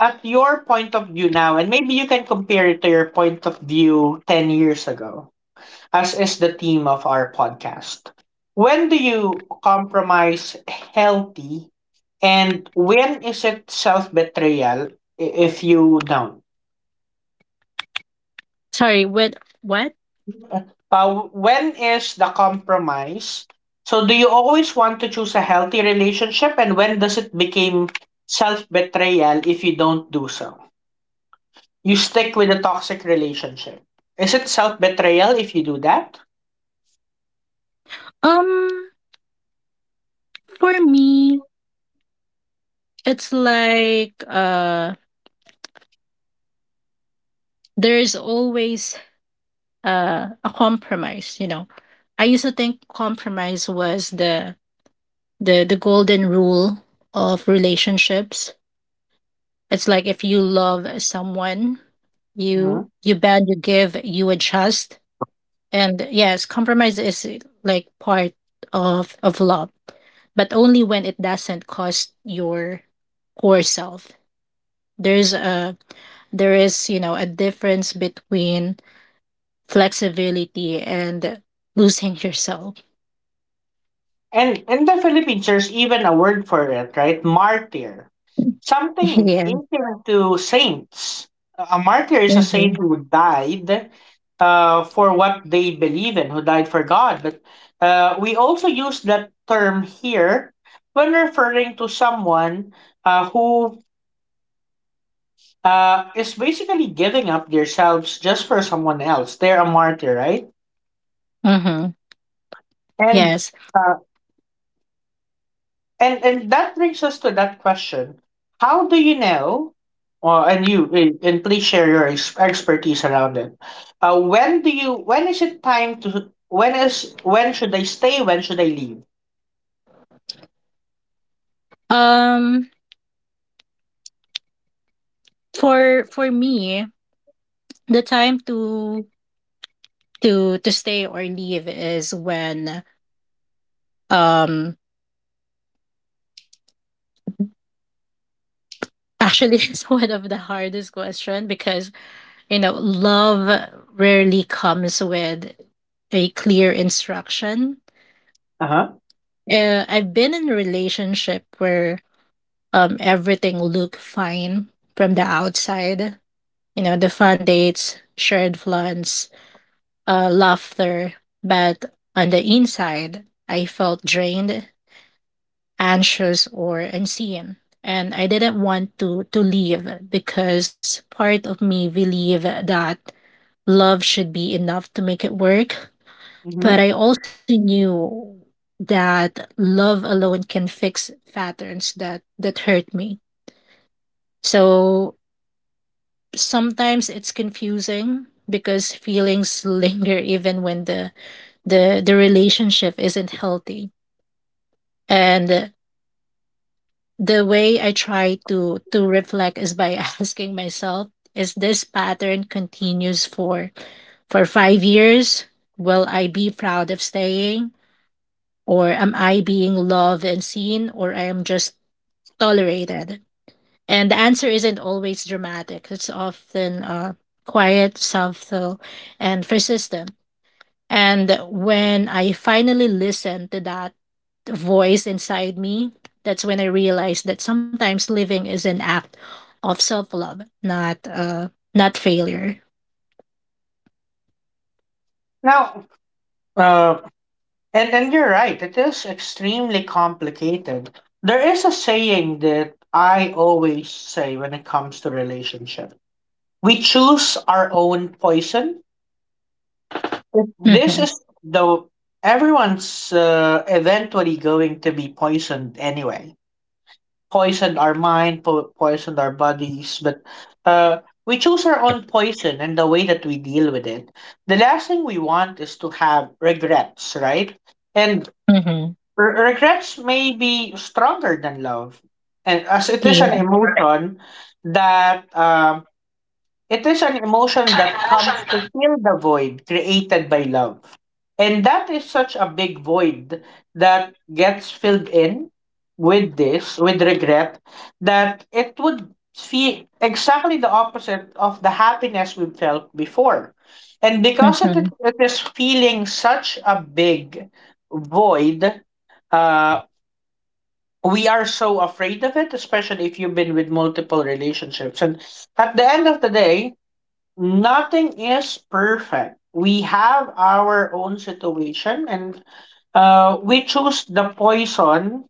[SPEAKER 1] at your point of view now, and maybe you can compare it to your point of view 10 years ago, as is the theme of our podcast. When do you compromise healthy, and when is it self betrayal if you don't?
[SPEAKER 2] Sorry, what? What?
[SPEAKER 1] When is the compromise? So do you always want to choose a healthy relationship, and when does it become self betrayal if you don't do so? You stick with a toxic relationship. Is it self betrayal if you do that?
[SPEAKER 2] Um, for me, it's like there's always a compromise, you know. I used to think compromise was the the golden rule of relationships. It's like if you love someone,
[SPEAKER 1] Mhm.
[SPEAKER 2] you bend, you give, you adjust. And yes, compromise is like part of love, but only when it doesn't cost your core self. there's a there is, you know, a difference between flexibility and losing yourself.
[SPEAKER 1] And in the Philippine church, even a word for it, right? Martyr. Something
[SPEAKER 2] Yeah.
[SPEAKER 1] akin to saints. A martyr is a
[SPEAKER 2] Mm-hmm.
[SPEAKER 1] saint who died for what they believe in, who died for God. But we also use that term here when referring to someone who is basically giving up themselves just for someone else. They're a martyr, right?
[SPEAKER 2] Mm-hmm.
[SPEAKER 1] And
[SPEAKER 2] Yes.
[SPEAKER 1] uh, And and that brings us to that question: how do you know? And please share your expertise around it. When do you? When is it time to? When is? When should I stay? When should I leave?
[SPEAKER 2] Um. For me, the time to stay or leave is when um actually it's one of the hardest question, because you know love rarely comes with a clear instruction.
[SPEAKER 1] Uh huh.
[SPEAKER 2] I've been in a relationship where everything looked fine from the outside, you know, the fun dates, shared plans, laughter, but on the inside I felt drained, anxious or unseen, and I didn't want to leave, because part of me believed that love should be enough to make it work. But
[SPEAKER 1] Hmm.
[SPEAKER 2] I also knew that love alone can fix patterns that hurt me. So sometimes it's confusing, because feelings linger even when the the relationship isn't healthy. And the way I try to reflect is by asking myself, is this pattern continues for 5 years, will I be proud of staying? Or am I being loved and seen, or I am just tolerated? And the answer isn't always dramatic, it's often quiet, subtle, and persistent. And when I finally listened to that voice inside me, that's when I realized that sometimes living is an act of self-love, not not failure.
[SPEAKER 1] Now, uh, and you're right. It is extremely complicated. There is a saying that I always say when it comes to relationship: we choose our own poison. This
[SPEAKER 2] Mhm.
[SPEAKER 1] is though everyone's eventually going to be poisoned anyway. Poisoned our mind, poisoned our bodies, but uh, we choose our own poison and the way that we deal with it. The last thing we want is to have regrets, right? And
[SPEAKER 2] Mhm.
[SPEAKER 1] regrets may be stronger than love, and as it is an
[SPEAKER 2] Yeah.
[SPEAKER 1] emotion that comes to fill the void created by love. And that is such a big void that gets filled in with this, with regret, that it would feel exactly the opposite of the happiness we felt before. And because it,
[SPEAKER 2] Mhm.
[SPEAKER 1] it is feeling such a big void, uh, we are so afraid of it, especially if you've been with multiple relationships. And at the end of the day, nothing is perfect. We have our own situation, and we choose the poison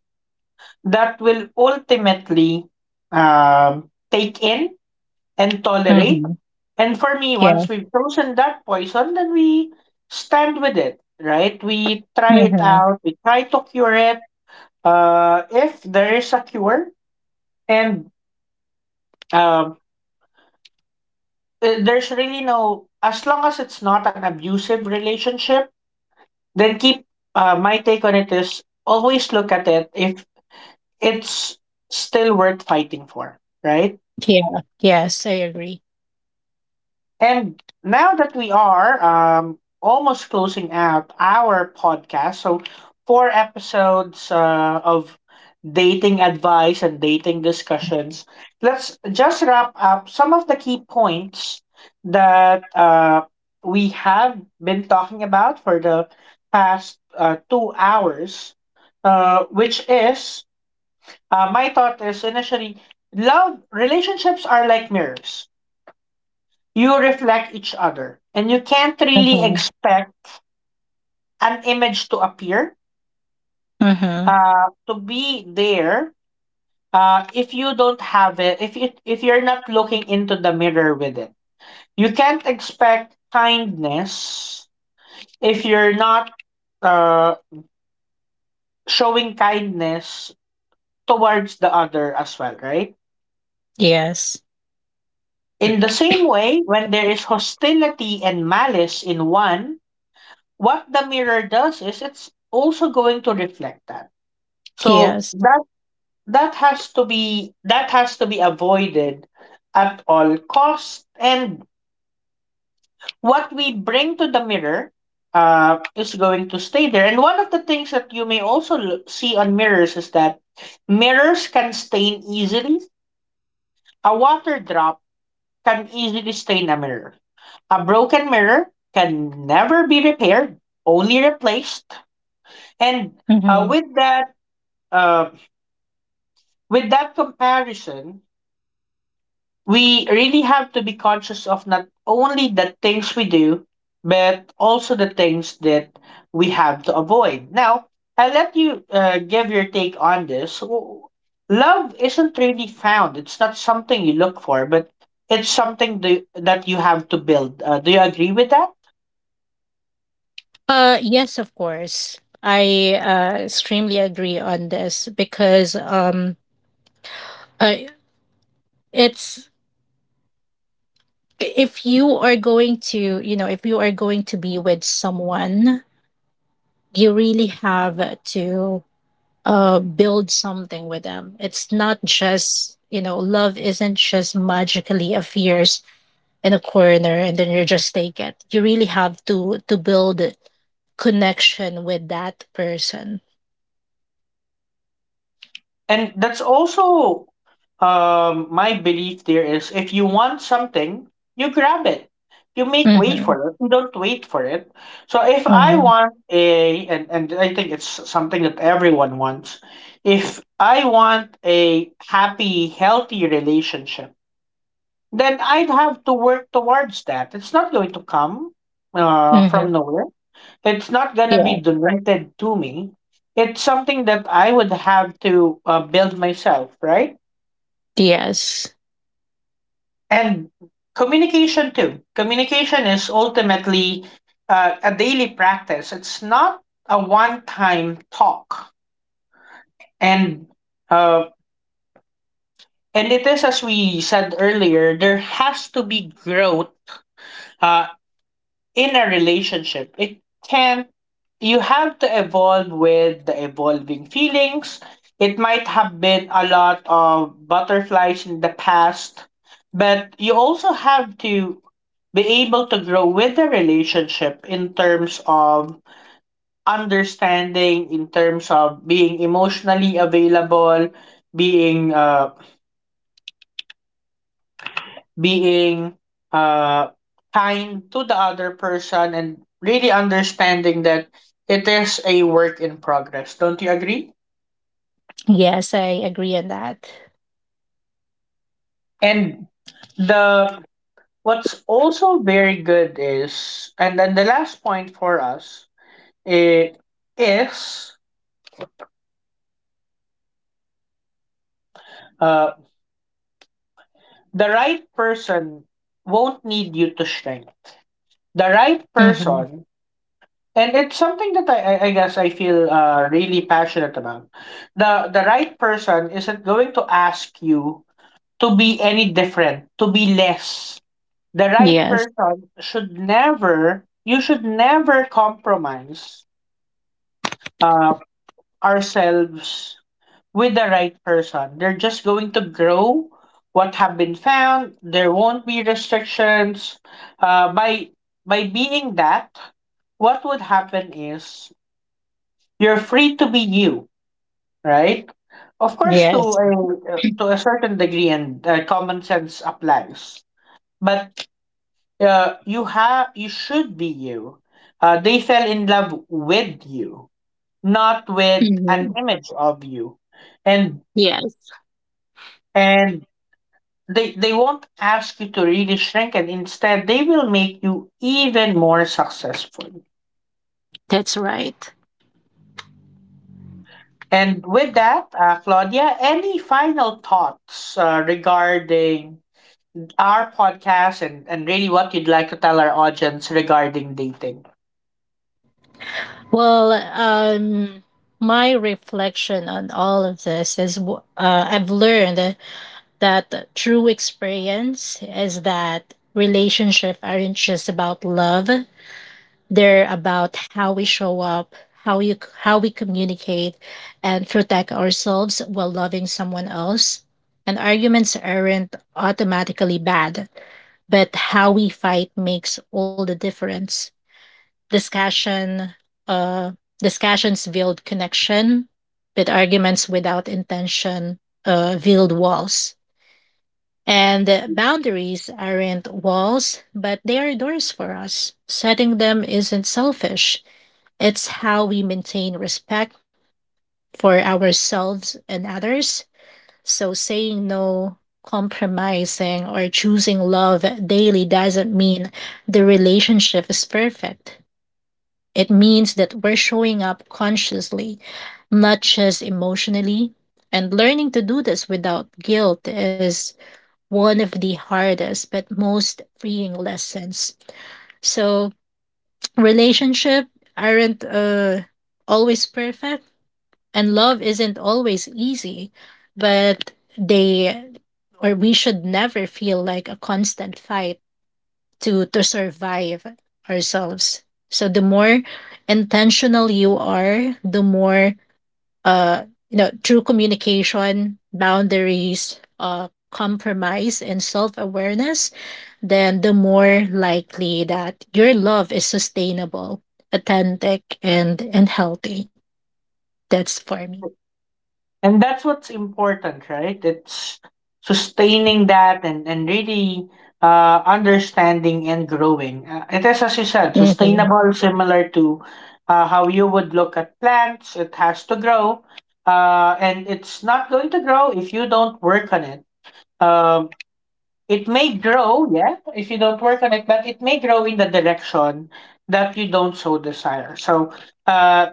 [SPEAKER 1] that will ultimately um, take in and tolerate.
[SPEAKER 2] Mhm.
[SPEAKER 1] And for me,
[SPEAKER 2] Yeah.
[SPEAKER 1] once we've chosen that poison, then we stand with it, right? We try it
[SPEAKER 2] Mhm.
[SPEAKER 1] out, we try to cure it. If there is a cure, and um, there's really no, as long as it's not an abusive relationship, then keep, my take on it is always look at it if it's still worth fighting for, right?
[SPEAKER 2] Yeah. Yes, I agree.
[SPEAKER 1] And now that we are almost closing out our podcast, so 4 episodes of dating advice and dating discussions, let's just wrap up some of the key points that we have been talking about for the past 2 hours, which is, my thought is initially love relationships are like mirrors. You reflect each other and you can't really
[SPEAKER 2] Mhm.
[SPEAKER 1] expect an image to appear
[SPEAKER 2] Mhm.
[SPEAKER 1] to be there if you don't have it, if you, if you're not looking into the mirror with it. You can't expect kindness if you're not uh, showing kindness towards the other as well, right?
[SPEAKER 2] Yes.
[SPEAKER 1] In the same way, when there is hostility and malice in one, what the mirror does is it's also going to reflect that. So
[SPEAKER 2] Yes.
[SPEAKER 1] that that has to be that has to be avoided at all cost. And what we bring to the mirror is going to stay there. And one of the things that you may also see on mirrors is that mirrors can stain easily. A water drop can easily stain a mirror. A broken mirror can never be repaired, only replaced. And uh,
[SPEAKER 2] Mhm.
[SPEAKER 1] with that, uh, with that comparison, we really have to be conscious of not only the things we do, but also the things that we have to avoid. Now, I'll let you give your take on this. Love isn't really found, it's not something you look for, but it's something do, that you have to build. Do you agree with that?
[SPEAKER 2] Yes, of course. I extremely agree on this, because uh, it's, if you are going to, you know, if you are going to be with someone, you really have to build something with them. It's not just, you know, love isn't just magically appears in a corner and then you just take it. You really have to build connection with that person.
[SPEAKER 1] And that's also my belief there is, if you want something, you grab it, you make way
[SPEAKER 2] Mm-hmm.
[SPEAKER 1] for it, you don't wait for it. So if I
[SPEAKER 2] Mm-hmm.
[SPEAKER 1] want a, and I think it's something that everyone wants, if I want a happy healthy relationship, then I'd have to work towards that. It's not going to come
[SPEAKER 2] Mm-hmm.
[SPEAKER 1] from nowhere, it's not gonna be
[SPEAKER 2] Yeah.
[SPEAKER 1] directed to me. It's something that I would have to build myself, right?
[SPEAKER 2] Yes.
[SPEAKER 1] And communication too. Communication is ultimately a daily practice. It's not a one-time talk, and uh, and it is, as we said earlier, there has to be growth. Uh, in a relationship it can, you have to evolve with the evolving feelings. It might have been a lot of butterflies in the past, but you also have to be able to grow with the relationship in terms of understanding, in terms of being emotionally available, being uh, being uh, kind to the other person and really understanding that it is a work in progress. Don't you agree?
[SPEAKER 2] Yes, I agree on that.
[SPEAKER 1] And the what's also very good is, and then the last point for us, eh, is uh, the right person won't need you to shrink. The right
[SPEAKER 2] Mm-hmm.
[SPEAKER 1] person, and it's something that I guess I feel really passionate about. The right person isn't going to ask you to be any different, to be less. The right
[SPEAKER 2] Yes.
[SPEAKER 1] person, should never you should never compromise uh, ourselves with the right person. They're just going to grow what have been found. There won't be restrictions. Uh, by by being that, what would happen is you're free to be you, right? Of course,
[SPEAKER 2] Yes.
[SPEAKER 1] to a certain degree, and common sense applies. But you should be you. They fell in love with you, not with an
[SPEAKER 2] Hmm.
[SPEAKER 1] image of you, and
[SPEAKER 2] Yes,
[SPEAKER 1] and they won't ask you to really shrink, and instead they will make you even more successful.
[SPEAKER 2] that's right.
[SPEAKER 1] And with that, Claudia, any final thoughts regarding our podcast, and really what you'd like to tell our audience regarding dating.
[SPEAKER 2] Well, my reflection on all of this is I've learned that true experience is that relationships aren't just about love. They're about how we show up, how you how we communicate, and protect ourselves while loving someone else. And arguments aren't automatically bad, but how we fight makes all the difference. discussion uh Discussions build connection, but arguments without intention build walls. And boundaries aren't walls, but they are doors. For us, setting them isn't selfish, it's how we maintain respect for ourselves and others. So saying no, compromising, or choosing love daily doesn't mean the relationship is perfect. It means that we're showing up consciously, not just emotionally. And learning to do this without guilt is one of the hardest but most freeing lessons. So, relationship aren't always perfect, and love isn't always easy, but they, or we, should never feel like a constant fight to survive ourselves. So the more intentional you are, the more, uh you know, through communication, boundaries, compromise and self-awareness, then the more likely that your love is sustainable, authentic and healthy. That's for me.
[SPEAKER 1] And that's what's important, right? It's sustaining that, and really understanding and growing. It is, as you said,
[SPEAKER 2] Hmm.
[SPEAKER 1] sustainable, similar to how you would look at plants. It has to grow. And it's not going to grow if you don't work on it. Um, it may grow, yeah, if you don't work on it, but it may grow in the direction that you don't so desire. So, uh,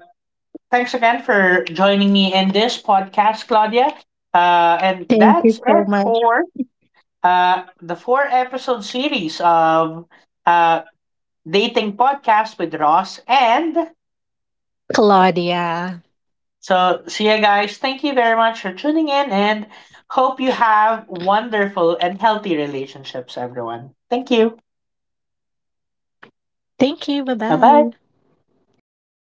[SPEAKER 1] thanks again for joining me in this podcast, Claudia. And
[SPEAKER 2] Thank you
[SPEAKER 1] that's
[SPEAKER 2] so
[SPEAKER 1] it
[SPEAKER 2] much.
[SPEAKER 1] for the 4 episode series of uh, Dating Podcast with Ross. And
[SPEAKER 2] Claudia.
[SPEAKER 1] so, see you guys. Thank you very much for tuning in, and hope you have wonderful and healthy relationships, everyone. Thank you.
[SPEAKER 2] Thank you. Bye bye.
[SPEAKER 1] Bye bye.